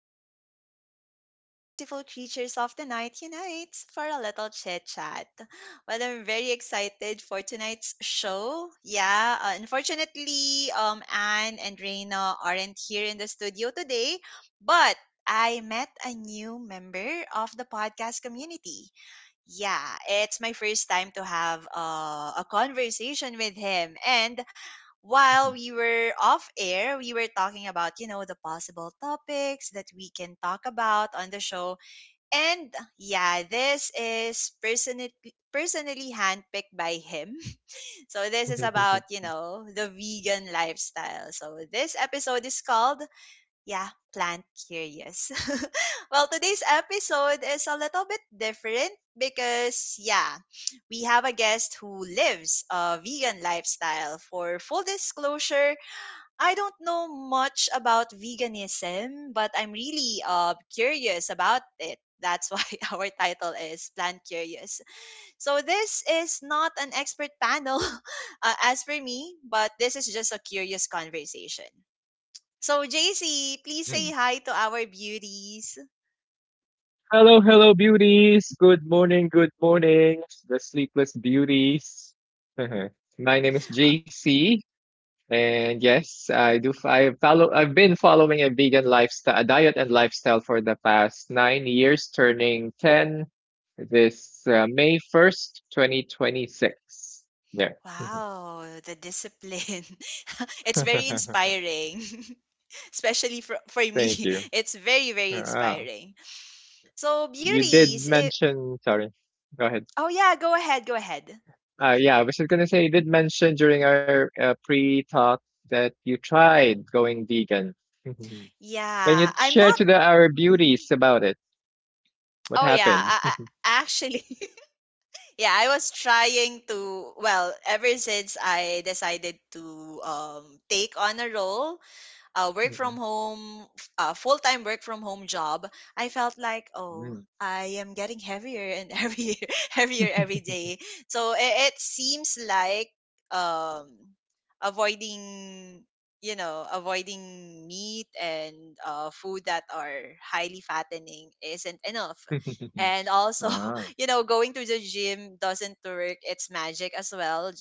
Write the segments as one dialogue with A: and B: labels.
A: This is the space where all the beautiful creatures of the night unite for a little chit chat. Well, I'm very excited for tonight's show. Yeah, unfortunately, Anne and Reina aren't here in the studio today, but I met a new member of the podcast community, yeah, it's my first time to have a conversation with him. And while
B: Mhm.
A: we were off air, we were talking about, the possible topics that we can talk about on the show. And yeah, this is personally handpicked by him. So this is
B: Okay, okay, okay,
A: about,
B: okay.
A: the vegan lifestyle. So this episode is called, yeah, plant curious. Well, today's episode is a little bit different because, yeah, we have a guest who lives a vegan lifestyle. For full disclosure, I don't know much about veganism, but I'm really curious about it. That's why our title is Plant Curious. So, this is not an expert panel, as for me, but this is just a curious conversation. So, JC, please
B: Mm.
A: say hi to our beauties.
B: Hello, hello, beauties. Good morning, the sleepless beauties. Uh-huh. My name is JC, and yes, I do. I follow. I've been following a vegan lifestyle, a diet and lifestyle for the past 9 years, turning 10 this May 1st, 2026. There.
A: Wow, the discipline. It's very inspiring, especially for me.
B: Thank you.
A: It's very, very
B: Ah,
A: inspiring. So,
B: you did
A: beauties, if,
B: mention. Sorry. Go ahead.
A: oh yeah, go ahead, go ahead.
B: Yeah, I was just gonna say you did mention during our pre-talk that you tried going vegan. Can you
A: Yeah, I'm
B: share
A: not.
B: to the our beauties
A: Mhm.
B: about it? What
A: Oh yeah,
B: happened?
A: actually, yeah, I was trying to. Well, ever since I decided to take on a role, work from home, full time work from home job, I felt like,
B: Mm,
A: oh,
B: mm,
A: I am getting heavier and heavier, heavier every day. So it seems like, um, avoiding, avoiding meat and food that are highly fattening isn't enough.
B: mm.
A: And also,
B: Ah,
A: you know, going to the gym doesn't work. It's magic as well,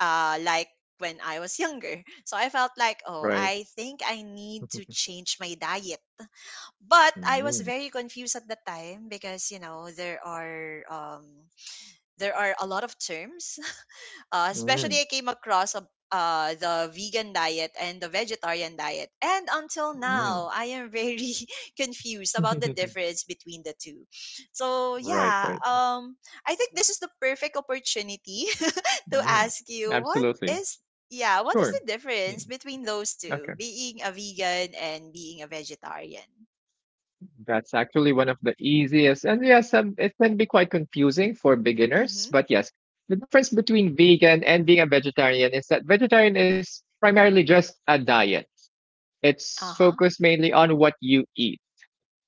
A: like when I was younger. So I felt like, oh,
B: right.
A: I think I need to change my diet. But I was
B: Mm,
A: very confused at the time because, you know, there are a lot of terms,
B: mm,
A: especially, I came across the vegan diet and the vegetarian diet. And until
B: mm.
A: now, I am very confused about the difference between the two. So,
B: right,
A: yeah,
B: right.
A: I think this is the perfect opportunity to
B: Mm,
A: ask you what
B: absolutely.
A: is, yeah, what
B: Sure.
A: is the
B: Mm,
A: difference between those
B: okay.
A: two, being a vegan and being a vegetarian?
B: That's actually one of the easiest, and yes, it can be quite confusing for beginners.
A: Mm-hmm.
B: But yes, the difference between vegan and being a vegetarian is that vegetarian is primarily just a diet. It's
A: Uh-huh.
B: focused mainly on what you eat,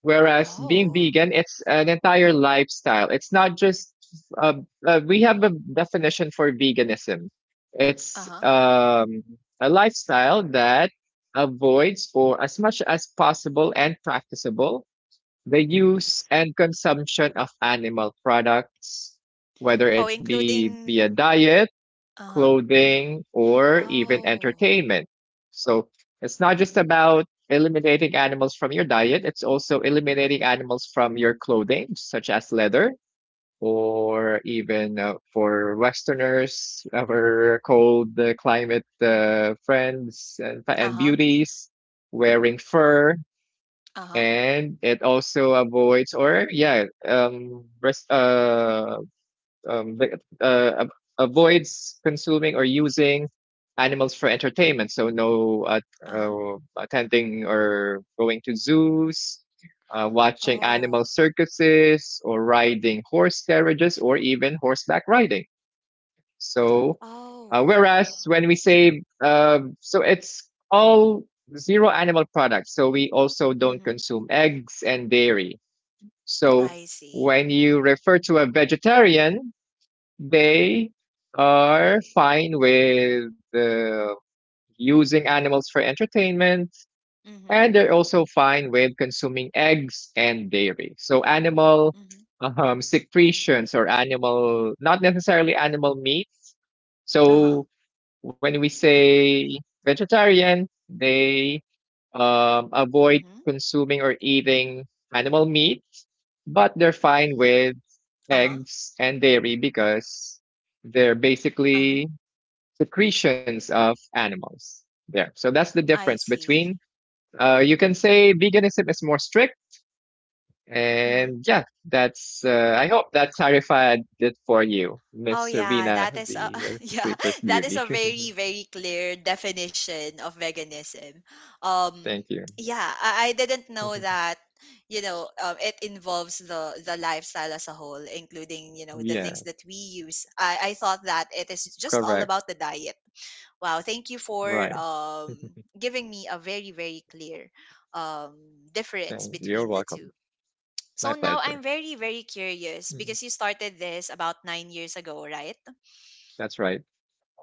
B: whereas being
A: Oh.
B: vegan, it's an entire lifestyle. It's not just uh, we have a definition for veganism. It's
A: Uh-huh.
B: a lifestyle that avoids, or as much as possible and practicable, the use and consumption of animal products,
A: Oh,
B: whether it be via
A: including,
B: diet,
A: uh-huh.
B: clothing, or even
A: Oh.
B: entertainment. So it's not just about eliminating animals from your diet, it's also eliminating animals from your clothing, such as leather, or even for Westerners, our cold climate
A: Mm-hmm.
B: friends and
A: Uh-huh.
B: beauties, wearing fur,
A: Uh-huh,
B: and it also avoids or um the- uh ab- avoids consuming or using animals for entertainment. So no
A: uh-huh.
B: attending or going to zoos, watching animal
A: Oh,
B: circuses or riding horse carriages or even horseback riding. So,
A: oh,
B: whereas when we say, so it's all zero animal products. So we also don't
A: mhm.
B: consume eggs and dairy. So
A: I see.
B: when you refer to a vegetarian, they are fine with using animals for entertainment,
A: Mhm,
B: and they're also fine with consuming eggs and dairy. So animal
A: mhm.
B: secretions or animal, not necessarily animal meat.
A: Uh-huh,
B: So when we say vegetarian, they
A: mhm.
B: avoid consuming or eating animal meat, but they're fine with
A: Uh-huh,
B: eggs and dairy because they're
A: uh-huh.
B: basically secretions of animals. There. So that's the
A: I
B: difference
A: see.
B: between. You can say veganism is more strict.
A: Mhm.
B: And yeah, that's, I hope that clarified it for you, Miss
A: Oh yeah,
B: Serena,
A: that is a,
B: the
A: yeah,
B: sleepless
A: that is
B: beauty.
A: a very very clear definition of veganism. Um,
B: Thank you.
A: yeah, I didn't know that. You know, it involves the lifestyle as a whole, including you know the things
B: Yes,
A: that we use. I thought that it is just all
B: correct.
A: about the diet. Wow, thank you for
B: Right.
A: giving me a very, very clear um, difference
B: So you're
A: between the
B: welcome.
A: two.
B: My
A: So now
B: pleasure.
A: I'm very, very curious
B: Mm,
A: because you started this about 9 years ago, right?
B: that's right.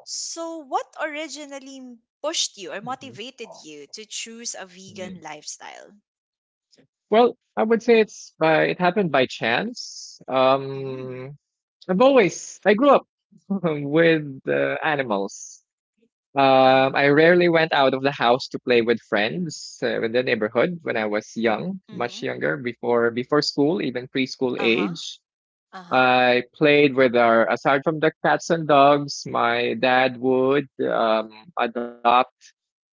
A: So, what originally pushed you or
B: hmm
A: motivated you to choose a
B: hmm
A: vegan lifestyle?
B: Well, I would say it's by it happened by chance.
A: Mm.
B: Um, I grew up with animals. I
A: Oh.
B: rarely went out of the house to play with friends in the neighborhood when I was young,
A: Mm-hmm.
B: much younger, before school, even preschool
A: Uh huh.
B: age.
A: Uh huh.
B: I played with our, aside from the cats and dogs, my dad would adopt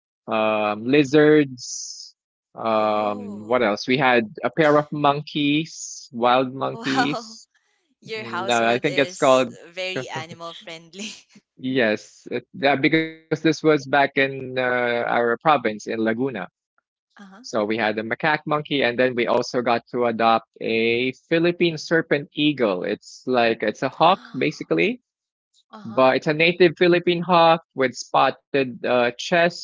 B: lizards. What
A: Oh.
B: else? We had a pair of monkeys, wild
A: Wow.
B: monkeys.
A: Your
B: And, I
A: household
B: think it's
A: is
B: called,
A: very animal friendly.
B: yes, it, that, because this was back in our province in Laguna.
A: Uh huh.
B: So we had a macaque monkey, and then we also got to adopt a Philippine serpent eagle. It's like, it's a hawk, basically,
A: Uh huh.
B: but it's a native Philippine hawk with spotted chest,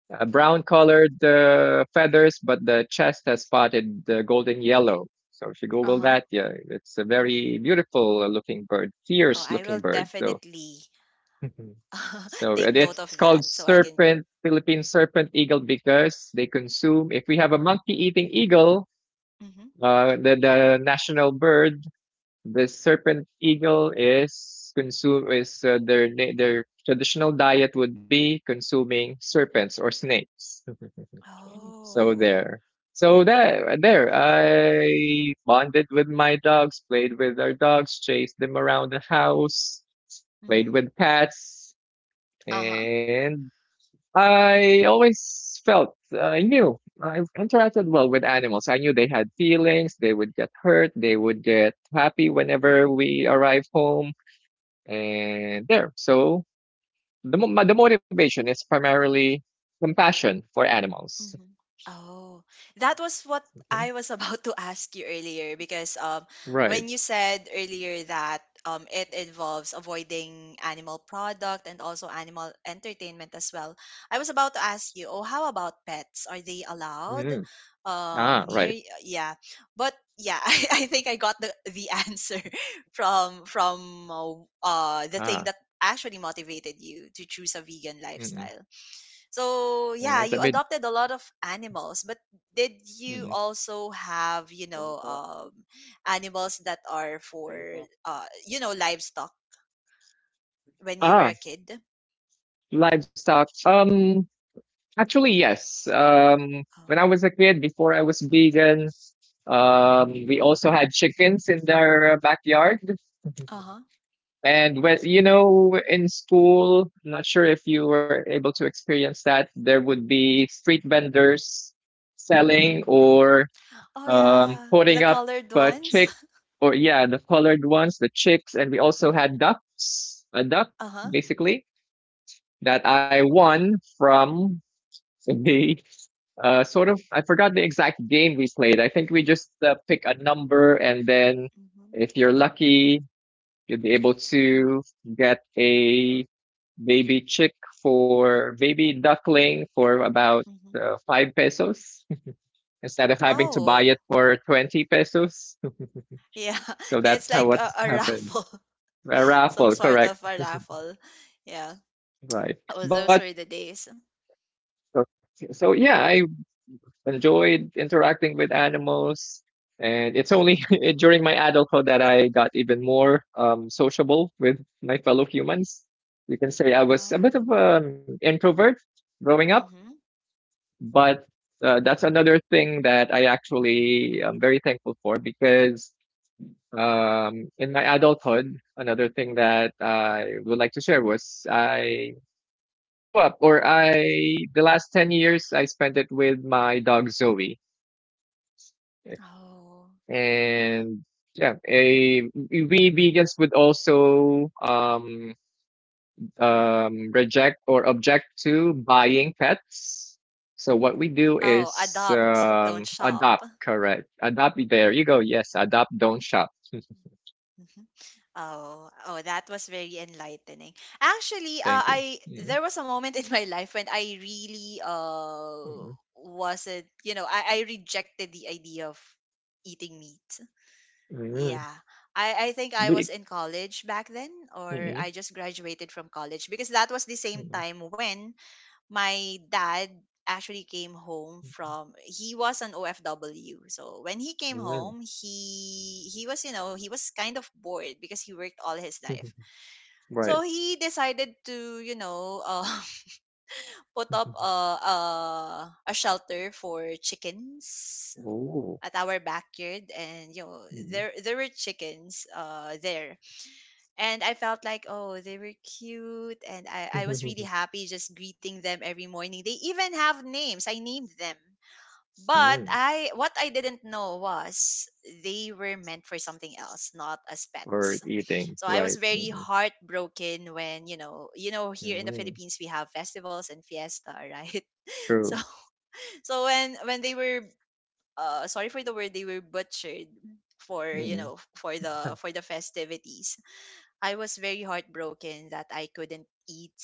B: brown colored feathers, but the chest has spotted golden yellow. So if you
A: Uh
B: Google
A: huh.
B: that, yeah, it's a very beautiful looking bird,
A: Oh,
B: fierce
A: I will
B: looking bird. So
A: definitely
B: so
A: take note
B: it's
A: of
B: called
A: that so I can.
B: serpent, Philippine serpent eagle because they consume. If we have a monkey eating eagle,
A: Hmm.
B: the national bird, the serpent eagle is consume is their their traditional diet would be consuming serpents or snakes. So
A: Oh.
B: there. So that there, I bonded with my dogs, played with our dogs, chased them around the house, played
A: Hmm.
B: with cats,
A: Uh huh.
B: and I always felt I knew I interacted well with animals. I knew they had feelings, they would get hurt, they would get happy whenever we arrive home, and there. So the the motivation is primarily compassion for animals.
A: Mhm. Oh, that was what
B: Mhm.
A: I was about to ask you earlier because,
B: Right.
A: when you said earlier that, it involves avoiding animal product and also animal entertainment as well, I was about to ask you, oh, how about pets? Are they allowed,
B: Mm. Ah,
A: near?
B: right.
A: Yeah, but yeah, I think I got the answer from the thing
B: Ah,
A: that actually motivated you to choose a vegan
B: mm-mm.
A: lifestyle. So
B: And
A: yeah,
B: let
A: you
B: me.
A: adopted a lot of animals, but did you
B: Mm-mm.
A: also have, you know, animals that are for, you know, livestock when you were
B: Ah,
A: a kid?
B: livestock. Actually, yes. When I
A: Oh,
B: was a kid, before I was vegan, we also had chickens in their backyard.
A: uh huh.
B: And when, you know, in school, not sure if you were able to experience that, there would be street vendors selling or
A: Oh yeah,
B: putting
A: the
B: up
A: colored ones.
B: chick or yeah, the colored ones, the chicks, and we also had ducks, a duck
A: Uh huh.
B: basically that I won from the sort of, I forgot the exact game we played. I think we just pick a number, and then
A: Hmm.
B: if you're lucky, you'll be able to get a baby chick for baby duckling for about
A: Hmm.
B: 5 pesos instead of having to buy
A: Oh
B: it for 20 pesos.
A: yeah,
B: So that's
A: it's
B: how
A: like
B: what's
A: a
B: happened.
A: raffle,
B: A
A: some
B: raffle,
A: sort
B: correct?
A: of a raffle. Yeah.
B: Right.
A: Oh,
B: But
A: those were the days.
B: so, so yeah, I enjoyed interacting with animals. And it's only during my adulthood that I got even more sociable with my fellow humans. You can say I was a
A: Oh.
B: bit of an introvert growing up,
A: Mm-hmm.
B: but that's another thing that I actually am very thankful for because in my adulthood, another thing that I would like to share was I grew up, or I, the last 10 years, I spent it with my dog Zoe.
A: Oh.
B: And yeah, we vegans would also reject or object to buying pets. So what we do
A: Oh,
B: is
A: adopt, don't shop.
B: adopt, correct? Adopt. There you go. Yes, adopt. Don't shop.
A: Mhm. Oh, oh, that was very enlightening. Actually,
B: Thank you.
A: I
B: Mhm,
A: there was a moment in my life when I really
B: mhm,
A: wasn't, you know, I rejected the idea of eating meat.
B: mhm.
A: Yeah. I think I was
B: Be-
A: in college back then, or
B: mhm,
A: I just graduated from college because that was the same
B: mhm,
A: time when my dad actually came home from he was an OFW. So when he came
B: mhm.
A: home, he was, you know, he was kind of bored because he worked all his life.
B: Right.
A: So he decided to, you know, put up a a shelter for chickens
B: Oh.
A: at our backyard and you know,
B: Mhm.
A: there were chickens there, and I felt like oh they were cute, and I was really happy just greeting them every morning. They even have names. I named them. But
B: Mm.
A: I what I didn't know was they were meant for something else, not as
B: For
A: pets.
B: eating,
A: So I was
B: right?
A: very
B: Mhm,
A: heartbroken when, you know here in the
B: mhm.
A: Philippines we have festivals and fiesta, right?
B: True.
A: So so when they were sorry for the word, they were butchered for, you
B: Mm.
A: know, for the festivities. I was very heartbroken that I couldn't eat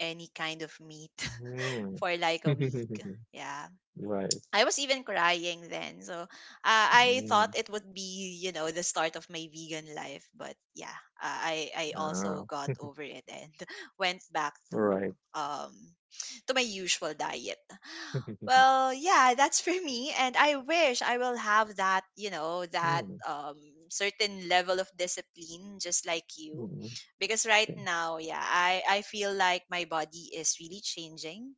A: any kind of meat
B: Mm.
A: for like a week. Yeah,
B: Right.
A: I was even crying then. So, I
B: Mm.
A: thought it would be, you know, the start of my vegan life. But yeah, I also
B: Ah,
A: got over it and went back
B: right.
A: um to my usual diet. Well, yeah, that's for me, and I wish I will have that, you know, that
B: Mm.
A: certain level of discipline, just like you,
B: Mm.
A: because right
B: Mm.
A: now, yeah, I feel like my body is really changing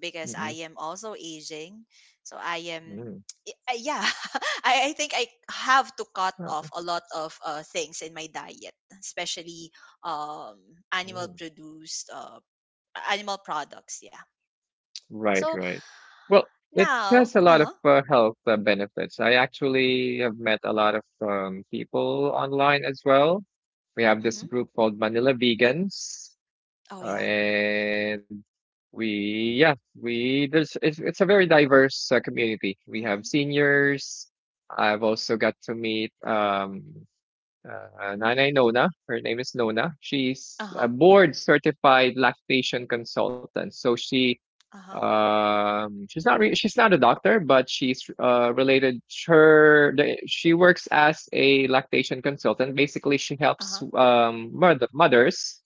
A: because
B: Mm.
A: I am also aging. So I am,
B: Mm.
A: yeah, I think I have to cut
B: Ah,
A: off a lot of things in my diet, especially um, animal
B: mm.
A: produced, animal products. Yeah.
B: Right,
A: So
B: right. Well, it
A: now,
B: has a
A: uh
B: lot of
A: huh,
B: health benefits. I actually have met a lot of people online as well. We have this
A: mm-hmm,
B: group called Manila Vegans.
A: oh yeah,
B: And we, yeah, we, there's, it's a very diverse community. We
A: mm-hmm,
B: have seniors. I've also got to meet Nanay Nona. Her name is Nona.
A: uh
B: She's a
A: huh,
B: board certified lactation consultant. So she,
A: uh huh,
B: she's not a doctor, but she's related. She works as a lactation consultant. Basically, she
A: uh
B: helps
A: huh,
B: mothers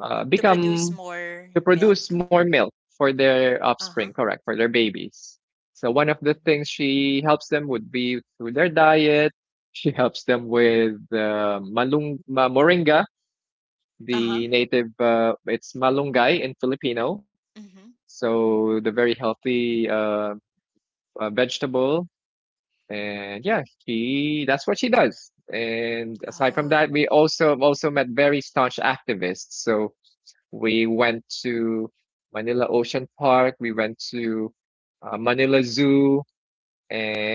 A: to produce
B: become
A: more
B: to produce
A: milk.
B: more milk for their
A: Uh
B: offspring,
A: huh,
B: correct, for their babies. So one of the
A: mm-hmm,
B: things she helps them would be through their diet. She helps them with moringa,
A: uh huh,
B: the native it's malunggay in Filipino.
A: mm-hmm,
B: So the very healthy vegetable, and yeah, she that's what she does. And aside from
A: oh,
B: that, we also met very staunch activists. So we went to Manila Ocean Park. We went to Manila Zoo.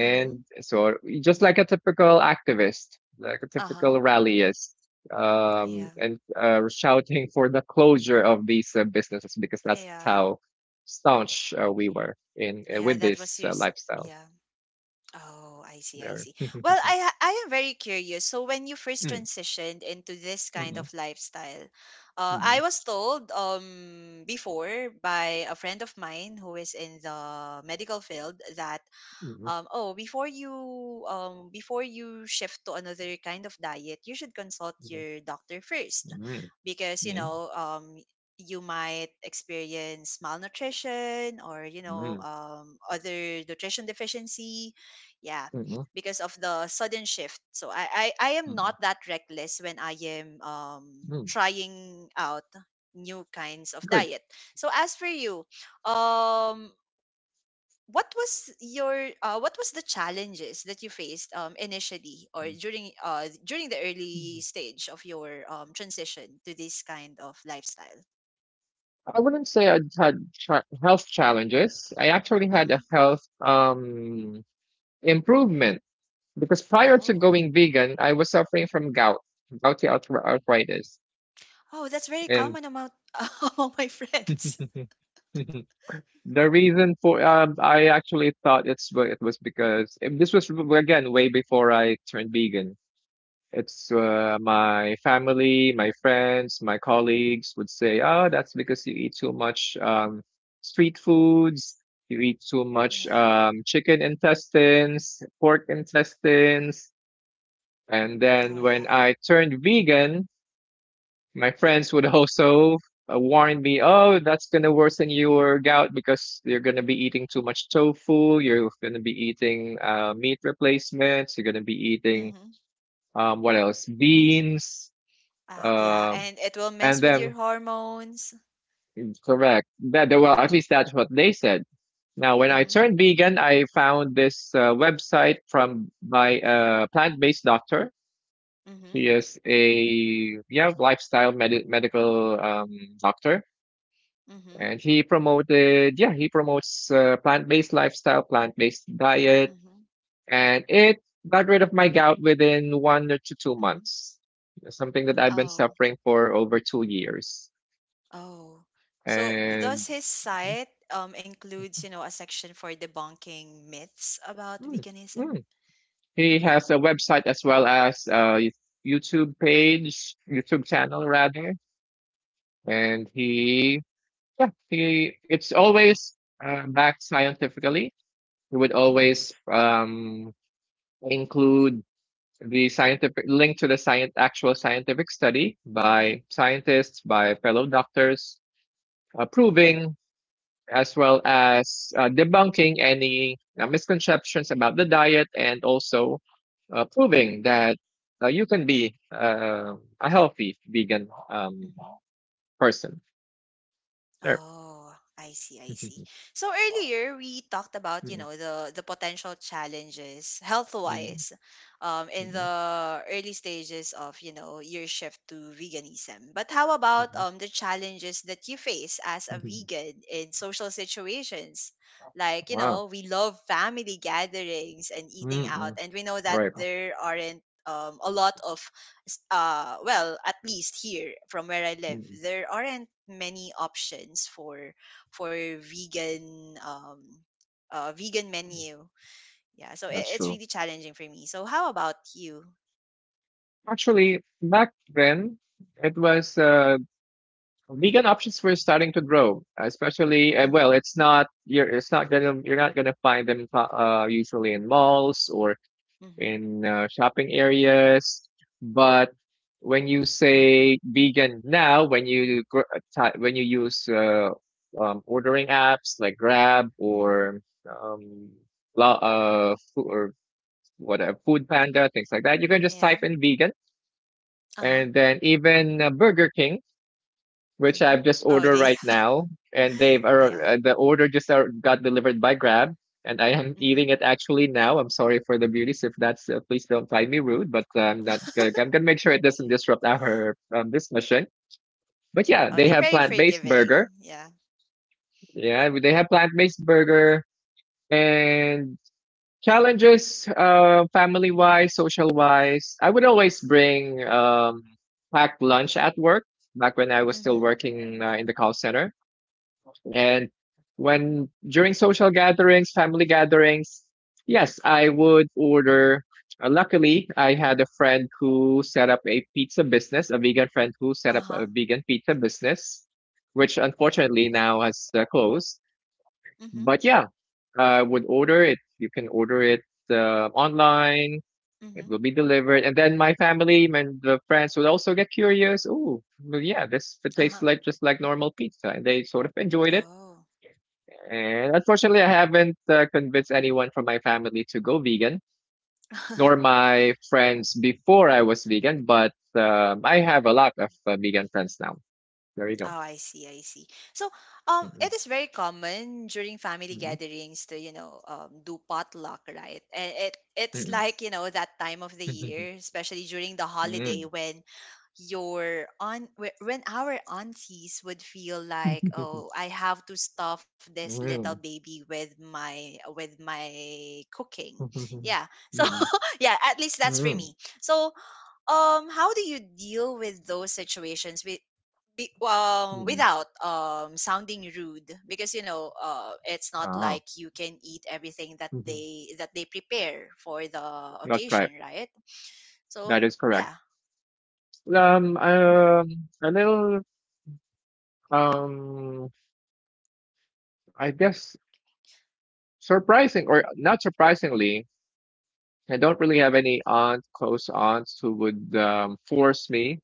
A: mm-hmm,
B: so, just like a typical activist, like a
A: uh huh,
B: typical rallyist,
A: yeah,
B: and shouting for the closure of these businesses because that's
A: yeah,
B: how staunch we were in with
A: yeah. That
B: this
A: was your,
B: lifestyle
A: yeah. Oh, I see, I
B: there.
A: see. Well, I am very curious. So when you first
B: Mm,
A: transitioned into this kind of
B: mm,
A: lifestyle,
B: mm, mm, mm,
A: I was told before by a friend of mine who is in the medical field that,
B: mm,
A: oh, before you shift to another kind of diet, you should consult your doctor first,
B: mm,
A: because you know, you might experience malnutrition or you know, other nutrition deficiency. Yeah,
B: mm, mm,
A: because of the sudden shift. So I am not that reckless when I am,
B: mm,
A: trying out new kinds of
B: mm.
A: diet. So as for you, um what was your, what was the challenges that you faced, initially or during, during the early
B: Good.
A: stage of your, transition to this kind of lifestyle.
B: I wouldn't say I had health challenges. I actually had
A: Hmm.
B: a health improvement because prior to
A: Oh.
B: going vegan, I was suffering from gout, arthritis.
A: Oh, that's very
B: And
A: common among among my friends.
B: the reason for I actually thought it's it was because, and this was again way before I turned vegan. It's my family, my friends, my colleagues would say, "Oh, that's because you eat too much street foods. You eat too much
A: Yeah.
B: chicken intestines, pork intestines." And
A: Oh
B: then when
A: yeah.
B: I turned vegan, my friends would also warn me, "Oh, that's gonna worsen your gout because you're gonna be eating too much tofu. You're gonna be eating meat replacements. You're gonna be eating."
A: Mm-hmm.
B: Um, what else? Beans,
A: Yeah,
B: um,
A: and it will
B: and
A: mess with your
B: then
A: hormones.
B: correct, well, at least that's what they said. Now when I
A: Mm-hmm.
B: turned vegan, I found this website from my plant-based doctor.
A: Mm-hmm.
B: He is a yeah lifestyle medical doctor,
A: Mm-hmm.
B: and he promoted yeah he promotes plant-based lifestyle, plant-based diet,
A: Mm-hmm.
B: and it got rid of my gout within one to two
A: Mm-hmm.
B: months something that I've been
A: Oh.
B: suffering for over 2 years.
A: Oh, so does
B: And
A: his site includes, you know, a section for debunking myths about
B: Mm,
A: veganism?
B: mm. He has a website as well as a YouTube page, YouTube
A: Mm-hmm.
B: channel rather, and he yeah he it's always backed scientifically. He would
A: Mm-hmm.
B: always include the scientific link to the science actual scientific study
A: Mm-hmm.
B: by scientists, by fellow doctors, proving, as well as debunking any misconceptions about the diet, and also proving that you can be a healthy vegan
A: Mm-hmm.
B: person. There.
A: Oh, I see, I see. So earlier we talked about, you
B: Mm,
A: know, the potential challenges
B: mm,
A: health-wise, in
B: mm,
A: the early stages of, you know, your shift to veganism. But how about
B: mhm,
A: the challenges that you face as a
B: mhm.
A: vegan in social situations? Like, you
B: Wow.
A: know, we love family gatherings and eating
B: Mm.
A: out, and we know that
B: Right.
A: there aren't a lot of well at least here from where I live
B: Mm,
A: there aren't many options for vegan vegan menu, yeah, so
B: that's
A: it's
B: true.
A: really challenging for me, so how about you.
B: Actually, back then, it was vegan options were starting to grow, especially well,
A: Mm-hmm.
B: it's not gonna find them usually in malls or
A: Mm-hmm.
B: in shopping areas. But when you say vegan now, when you when you use ordering apps like Grab
A: Mm-hmm.
B: or um, food or whatever, Food Panda, things like that, you can just
A: Yeah.
B: type in vegan.
A: Uh-huh.
B: And then even Burger King, which
A: Mm-hmm.
B: I've just
A: Oh
B: ordered
A: they,
B: right now, and they've
A: yeah.
B: the order just got delivered by Grab, and I am
A: Mm-hmm.
B: eating it actually now. I'm sorry for the beauties if that's please don't find me rude, but I'm not. I'm gonna make sure it doesn't disrupt our discussion. But yeah,
A: Oh
B: they
A: they're
B: have
A: very
B: plant based burger.
A: forgiving, yeah.
B: Yeah, they have plant based burger. And challenges, family wise, social wise. I would always bring packed lunch at work, back when I was still
A: Mm-hmm.
B: working in the call center. And when during social gatherings, family gatherings, yes, I would order. Luckily, I had a friend who set up a pizza business, a vegan friend who set up
A: Uh-huh.
B: a vegan pizza business, which unfortunately now has closed.
A: Mm-hmm.
B: But yeah, I would order it. You can order it online. It
A: Mm-hmm.
B: will be delivered, and then my family and the friends would also get curious. Oh, well, yeah, this tastes
A: Uh-huh.
B: like just like normal pizza, and they sort of enjoyed it.
A: Oh.
B: And unfortunately, I haven't convinced anyone from my family to go vegan, nor my friends before I was vegan, but I have a lot of vegan friends now. There you
A: Oh,
B: go.
A: I see, I see. So,
B: Mm-mm,
A: it is very common during family
B: mm-mm,
A: gatherings to, you know, do potluck, right? And it's
B: mm-mm,
A: like, you know, that time of the year, especially during the
B: mm-mm,
A: holiday
B: mm-mm,
A: when your aunt, when our aunties would feel like, oh,
B: mm
A: I have to stuff this little baby with my cooking. Yeah. So,
B: mm,
A: yeah, at least that's for me. So, how do you deal with those situations? Be,
B: mm.
A: without, sounding rude because you know, it's not
B: Ah,
A: like you can eat everything that they prepare for the
B: not right.
A: occasion, right? So,
B: That is correct.
A: yeah.
B: A little, um, I guess surprising or not surprisingly. I don't really have any aunt, close aunts who would force me,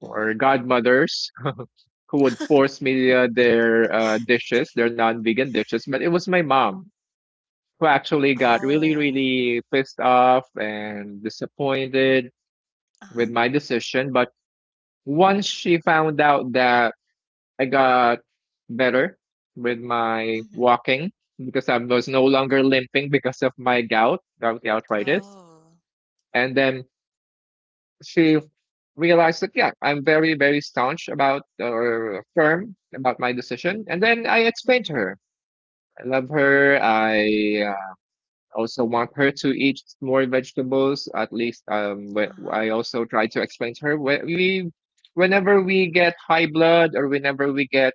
B: or
A: Mm-hmm.
B: godmothers who would force me their dishes, their non-vegan dishes. But it was my mom who actually got really,
A: Oh.
B: really pissed off and disappointed with
A: Uh-huh.
B: my decision. But once she found out that I got better with my
A: Mm-hmm.
B: walking, because I was no longer limping because of my gout, gout arthritis,
A: Oh.
B: and then she realized that, yeah, I'm very, very staunch about or firm about my decision. And then I explained to
A: Mm-hmm.
B: her, I love her. I also want her to eat more vegetables at least.
A: Uh-huh.
B: I also try to explain to her, wh- we whenever we get high blood, or whenever we get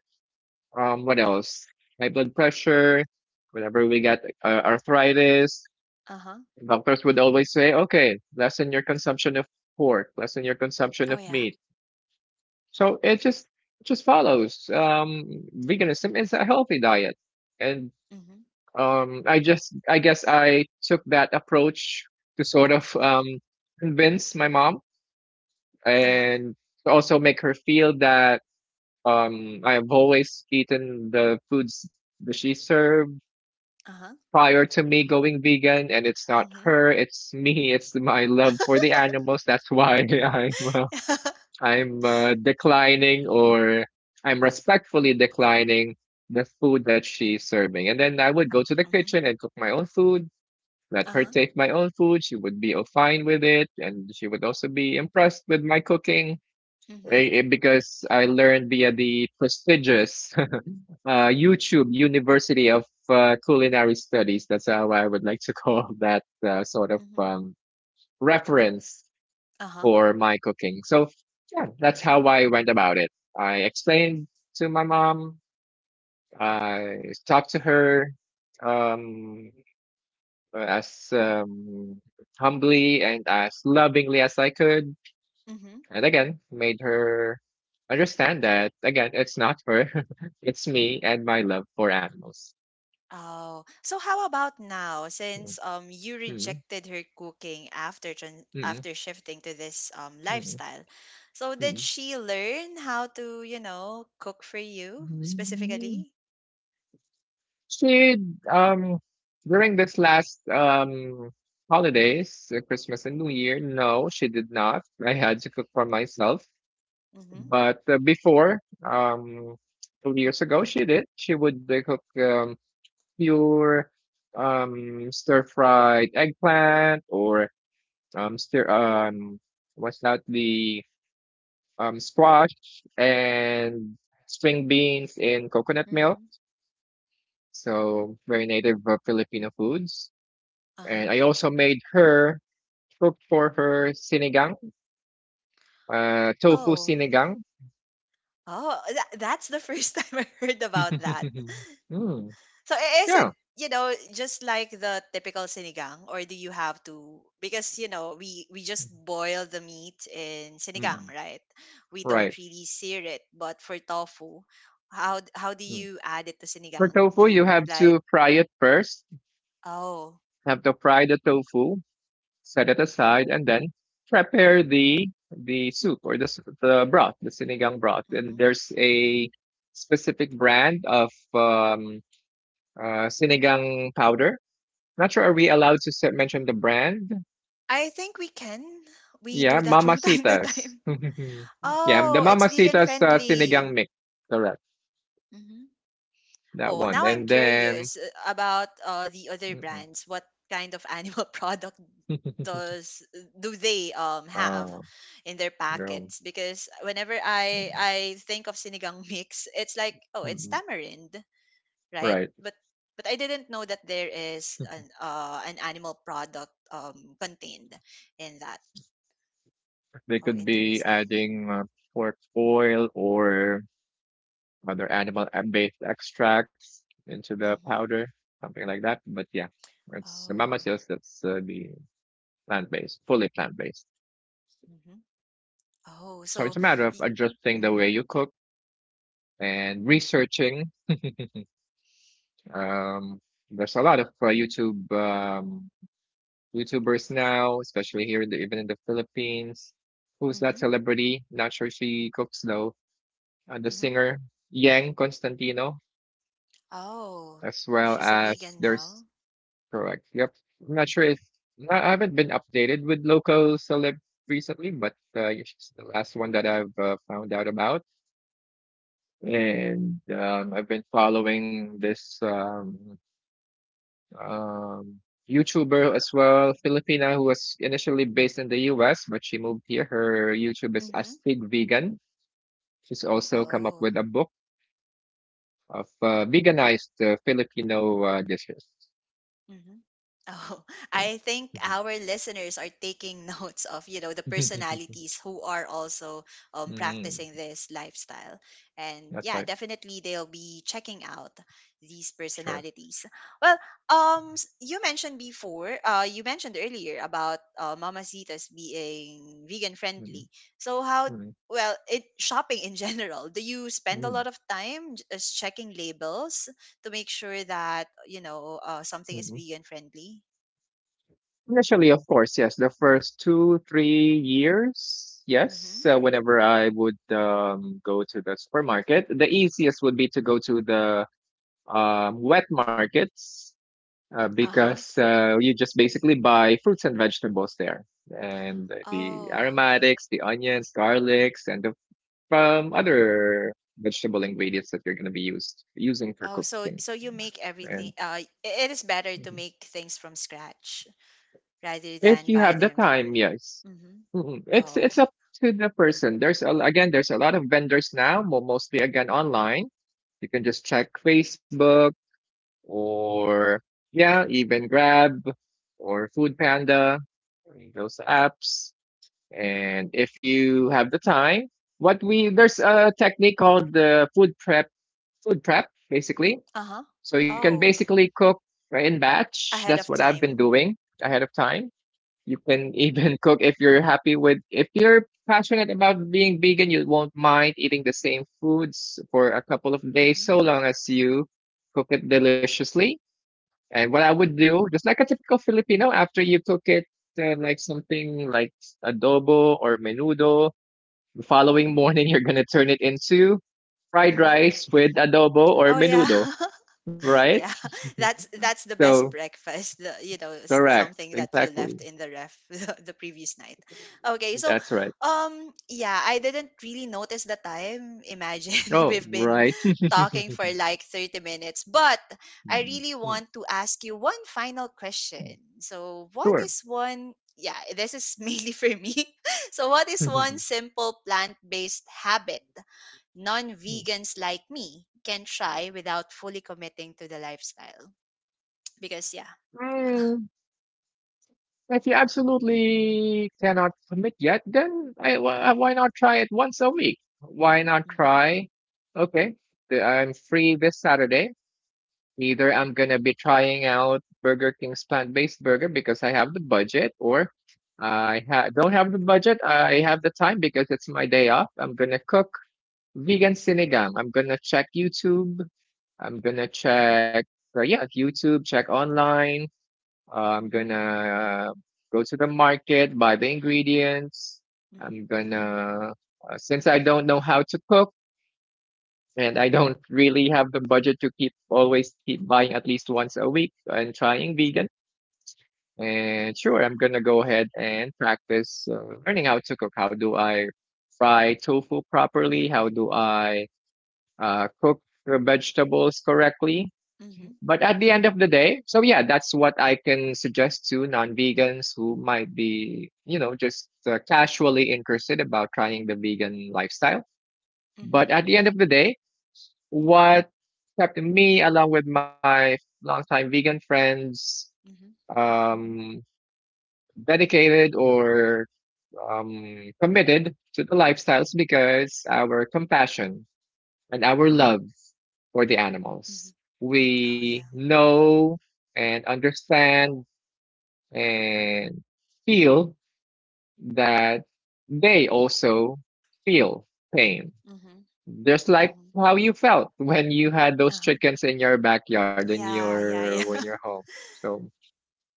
B: what else, high blood pressure, whenever we get arthritis,
A: Uh-huh.
B: doctors would always say, okay, lessen your consumption of pork, lessen your consumption
A: Oh
B: of
A: yeah.
B: meat. So it just follows. Veganism is a healthy diet, and
A: Mm-hmm.
B: I just I guess I took that approach to sort of convince my mom,
A: Uh-huh.
B: and to also make her feel that I have always eaten the foods that she served
A: Uh-huh.
B: prior to me going vegan, and it's not
A: Mm-hmm.
B: her, it's me, it's my love for the animals. That's why I'm declining or I'm respectfully declining the food that she's serving. And then I would go to the
A: mm-hmm.
B: kitchen and cook my own food, let her
A: uh-huh
B: take my own food. She would be, oh, fine with it. And she would also be impressed with my cooking,
A: mm-hmm.
B: eh, eh, because I learned via the prestigious YouTube University of Culinary Studies. That's how I would like to call that sort of
A: mm-hmm.
B: reference
A: uh-huh
B: for my cooking. So yeah, that's how I went about it. I explained to my mom. I talked to her um, as humbly and as lovingly as I could.
A: mm-hmm.
B: And again, made her understand that, again, it's not her, it's me and my love for animals.
A: Oh, so how about now?
B: Mm,
A: Since you
B: mm,
A: rejected her cooking after tran
B: mm,
A: after shifting to this
B: mm,
A: lifestyle, so did
B: mm,
A: she learn how to, you know, cook for you
B: mm.
A: specifically?
B: She um during this last holidays, Christmas and New Year, no, she did not. I had to cook for myself.
A: Mm-hmm.
B: But before, 2 years ago, she did. She would cook pure stir fried eggplant, or stir what's that, the squash and string beans in coconut milk.
A: Mm-hmm.
B: So very native Filipino foods.
A: Uh-huh.
B: And I also made her cook for her sinigang, tofu
A: Oh,
B: sinigang.
A: oh, that's the first time I heard about that.
B: Mm,
A: So is it,
B: yeah,
A: you know, just like the typical sinigang? Or do you have to, because you know, we just boil the meat in sinigang,
B: mm-mm,
A: right? We don't
B: right.
A: really sear it, but for tofu, how do
B: Mm.
A: you add it to
B: For
A: sinigang? Do
B: tofu, you
A: you
B: have
A: like
B: to fry it first.
A: oh,
B: You have to fry the tofu, set it aside, and then prepare the soup or the broth, the sinigang broth. And
A: mhm.
B: there's a specific brand of sinigang powder. Not sure, are we allowed to mention the brand?
A: I think we can. We
B: Yeah,
A: do that from time to
B: Mamacitas.
A: time.
B: Yeah, the
A: Oh, it's vegan
B: Mamacitas sinigang
A: friendly.
B: mix. Correct. That
A: Oh, now
B: one.
A: I'm
B: And then,
A: curious about the other
B: mm-mm.
A: brands. What kind of animal product does do they have
B: Uh,
A: in their
B: girl.
A: packets? Because whenever I
B: Mm-mm.
A: I think of sinigang mix, it's like oh, it's
B: Mm-mm.
A: tamarind, right?
B: Right.
A: But I didn't know that there is an animal product contained in that.
B: They
A: Oh,
B: could be
A: interesting.
B: adding pork oil or other animal-based extracts into the
A: Mm-hmm.
B: powder, something like that. But yeah, it's Mama
A: Oh.
B: says, that's the plant-based, fully plant-based.
A: Mm-hmm. Oh,
B: So it's
A: so.
B: a matter of
A: Y-
B: adjusting the
A: mm-hmm.
B: way you cook and researching. Um, there's a lot of YouTube YouTubers now, especially here, in the, even in the Philippines. Who's that
A: Mm-hmm.
B: celebrity? Not sure she cooks though. The
A: Mm-hmm.
B: singer Yang Constantino,
A: Oh,
B: as well
A: she's a
B: as
A: vegan
B: there's
A: now?
B: correct. Yep, I'm not sure if I haven't been updated with local celeb recently, but yeah, she's the last one that I've found out about. And I've been following this. Um, YouTuber as well, Filipina, who was initially based in the US, but she moved here. Her YouTube is
A: Mhm.
B: Astig Vegan. She's also come up
A: Oh,
B: with a book of veganized Filipino dishes.
A: mhm. Oh, I think
B: Mhm.
A: our listeners are taking notes of, you know, the personalities who are also
B: Mm,
A: practicing this lifestyle. And
B: that's
A: yeah,
B: right.
A: definitely they'll be checking out these
B: Sure.
A: personalities. Well, you mentioned before, you mentioned earlier about Mamacitas being vegan
B: Mhm,
A: friendly. So how,
B: mhm,
A: well, it shopping in general, do you spend a
B: mhm,
A: lot of time just checking labels to make sure that you know something is
B: mhm.
A: vegan friendly.
B: Initially, of course, yes. The first two, 3 years, yes.
A: Hmm.
B: Whenever I would go to the supermarket, the easiest would be to go to the wet markets,
A: Uh-huh.
B: because you just basically buy fruits and vegetables there, and the
A: Oh,
B: aromatics, the onions, garlics, and the other vegetable ingredients that you're going to be used using for
A: oh, so
B: cooking.
A: you make
B: And
A: everything. It is better
B: mhm,
A: to make things from scratch rather
B: if
A: than
B: you
A: buy
B: have the
A: them
B: time,
A: from.
B: yes,
A: Hmm.
B: mhm, it's
A: Oh,
B: up to the person. There's a, again, there's a lot of vendors now, mostly again online. You can just check Facebook, or yeah, even Grab or Food Panda, those apps. And if you have the time, what we there's a technique called the food prep basically.
A: uh-huh.
B: So you can
A: Oh,
B: basically cook in batch.
A: ahead
B: That's what
A: of
B: I've been
A: time.
B: doing ahead of time. You can even cook, if you're happy with, if you're passionate about being vegan, you won't mind eating the same foods for a couple of days,
A: Mm-hmm.
B: so long as you cook it deliciously. And what I would
A: Mm-hmm.
B: do, just like a typical Filipino, after you cook it like something like adobo or menudo, the following morning you're gonna turn it into fried
A: Hmm.
B: rice with adobo or
A: Oh yeah.
B: menudo, right?
A: Yeah, that's the
B: So
A: best breakfast, the, you know,
B: correct,
A: something that you
B: exactly.
A: left in the ref the previous night. Okay, so
B: That's right.
A: yeah, I didn't really notice the time. Imagine
B: Oh,
A: we've been
B: right.
A: talking for like 30 minutes, but I really want to ask you one final question. So what
B: Sure.
A: is one, yeah, this is mainly for me. So what is one simple plant-based habit non vegans like me can try without fully committing to the lifestyle. Because, yeah.
B: If you absolutely cannot commit yet, then why not try it once a week? Why not
A: Mm-hmm,
B: try? Okay, I'm free this Saturday. Either I'm gonna be trying out Burger King's plant-based burger because I have the budget, or don't have the budget. I have the time because it's my day off. I'm gonna cook vegan sinigang. I'm gonna check YouTube. I'm gonna check, yeah, YouTube. Check online, I'm
A: mm-hmm,
B: gonna go to the market, buy the ingredients.
A: mm-hmm,
B: I'm gonna, since I don't know how to cook, and I don't really have the budget to keep always keep buying at least once a week and trying vegan. And sure, I'm gonna go ahead and practice learning how to cook. How do I fry tofu properly? How do I cook the vegetables correctly?
A: mm-hmm,
B: But at the end of the day, so yeah, that's what I can suggest to non-vegans who might be, you know, just casually interested about trying the vegan lifestyle.
A: mm-hmm,
B: But at the end of the day, what kept me along with my longtime vegan friends
A: mm-hmm,
B: um, dedicated or committed to the lifestyles, because our compassion and our love for the
A: mm-hmm.
B: animals.
A: Oh,
B: We
A: yeah.
B: know and understand and feel that they also feel pain.
A: Mm-hmm,
B: Just like
A: mm-hmm.
B: how you felt when you had those
A: Uh-huh.
B: chickens in your backyard and
A: Yeah, yeah,
B: your
A: yeah.
B: when you're home. So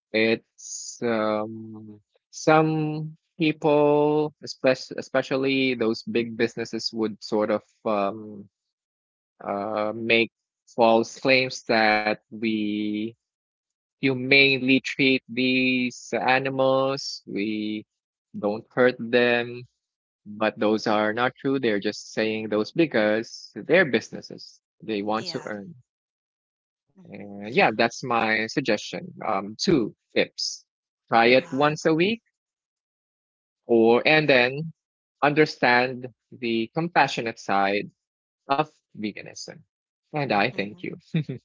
B: it's some people, especially especially those big businesses, would sort of make false claims that we humanely treat these animals. We don't hurt them. But those are not true. They're just saying those because they're businesses. They want to
A: Yeah.
B: earn.
A: Mm-hmm.
B: And yeah, that's my suggestion. Two tips. Try it
A: Wow.
B: once a week or, and then understand the compassionate side of veganism. And I thank
A: Mm-hmm.
B: you.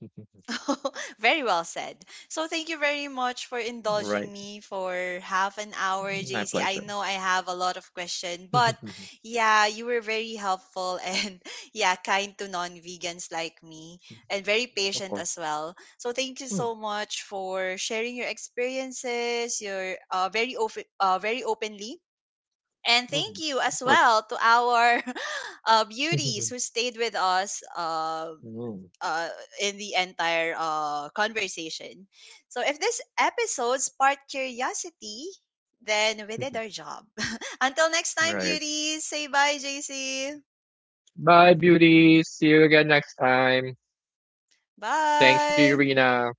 A: Very well said. So thank you very much for
B: Right.
A: indulging me for half an hour,
B: My
A: JC. I
B: pleasure.
A: know I have a lot of questions, but yeah, you were very helpful and, yeah, kind to non-vegans like me and very
B: Of
A: patient
B: course.
A: as well. So thank you
B: Mm.
A: so much for sharing your experiences, your very open, very openly. And thank
B: Mm,
A: you
B: of
A: as
B: course.
A: well to our beauties who stayed with us
B: Mm,
A: uh, in the entire conversation. So, if this episode sparked curiosity, then we did our job. Until next time,
B: right.
A: beauties, say bye, JC.
B: Bye, beauties. See you again next time. Thank you,
A: Bye.
B: Rina.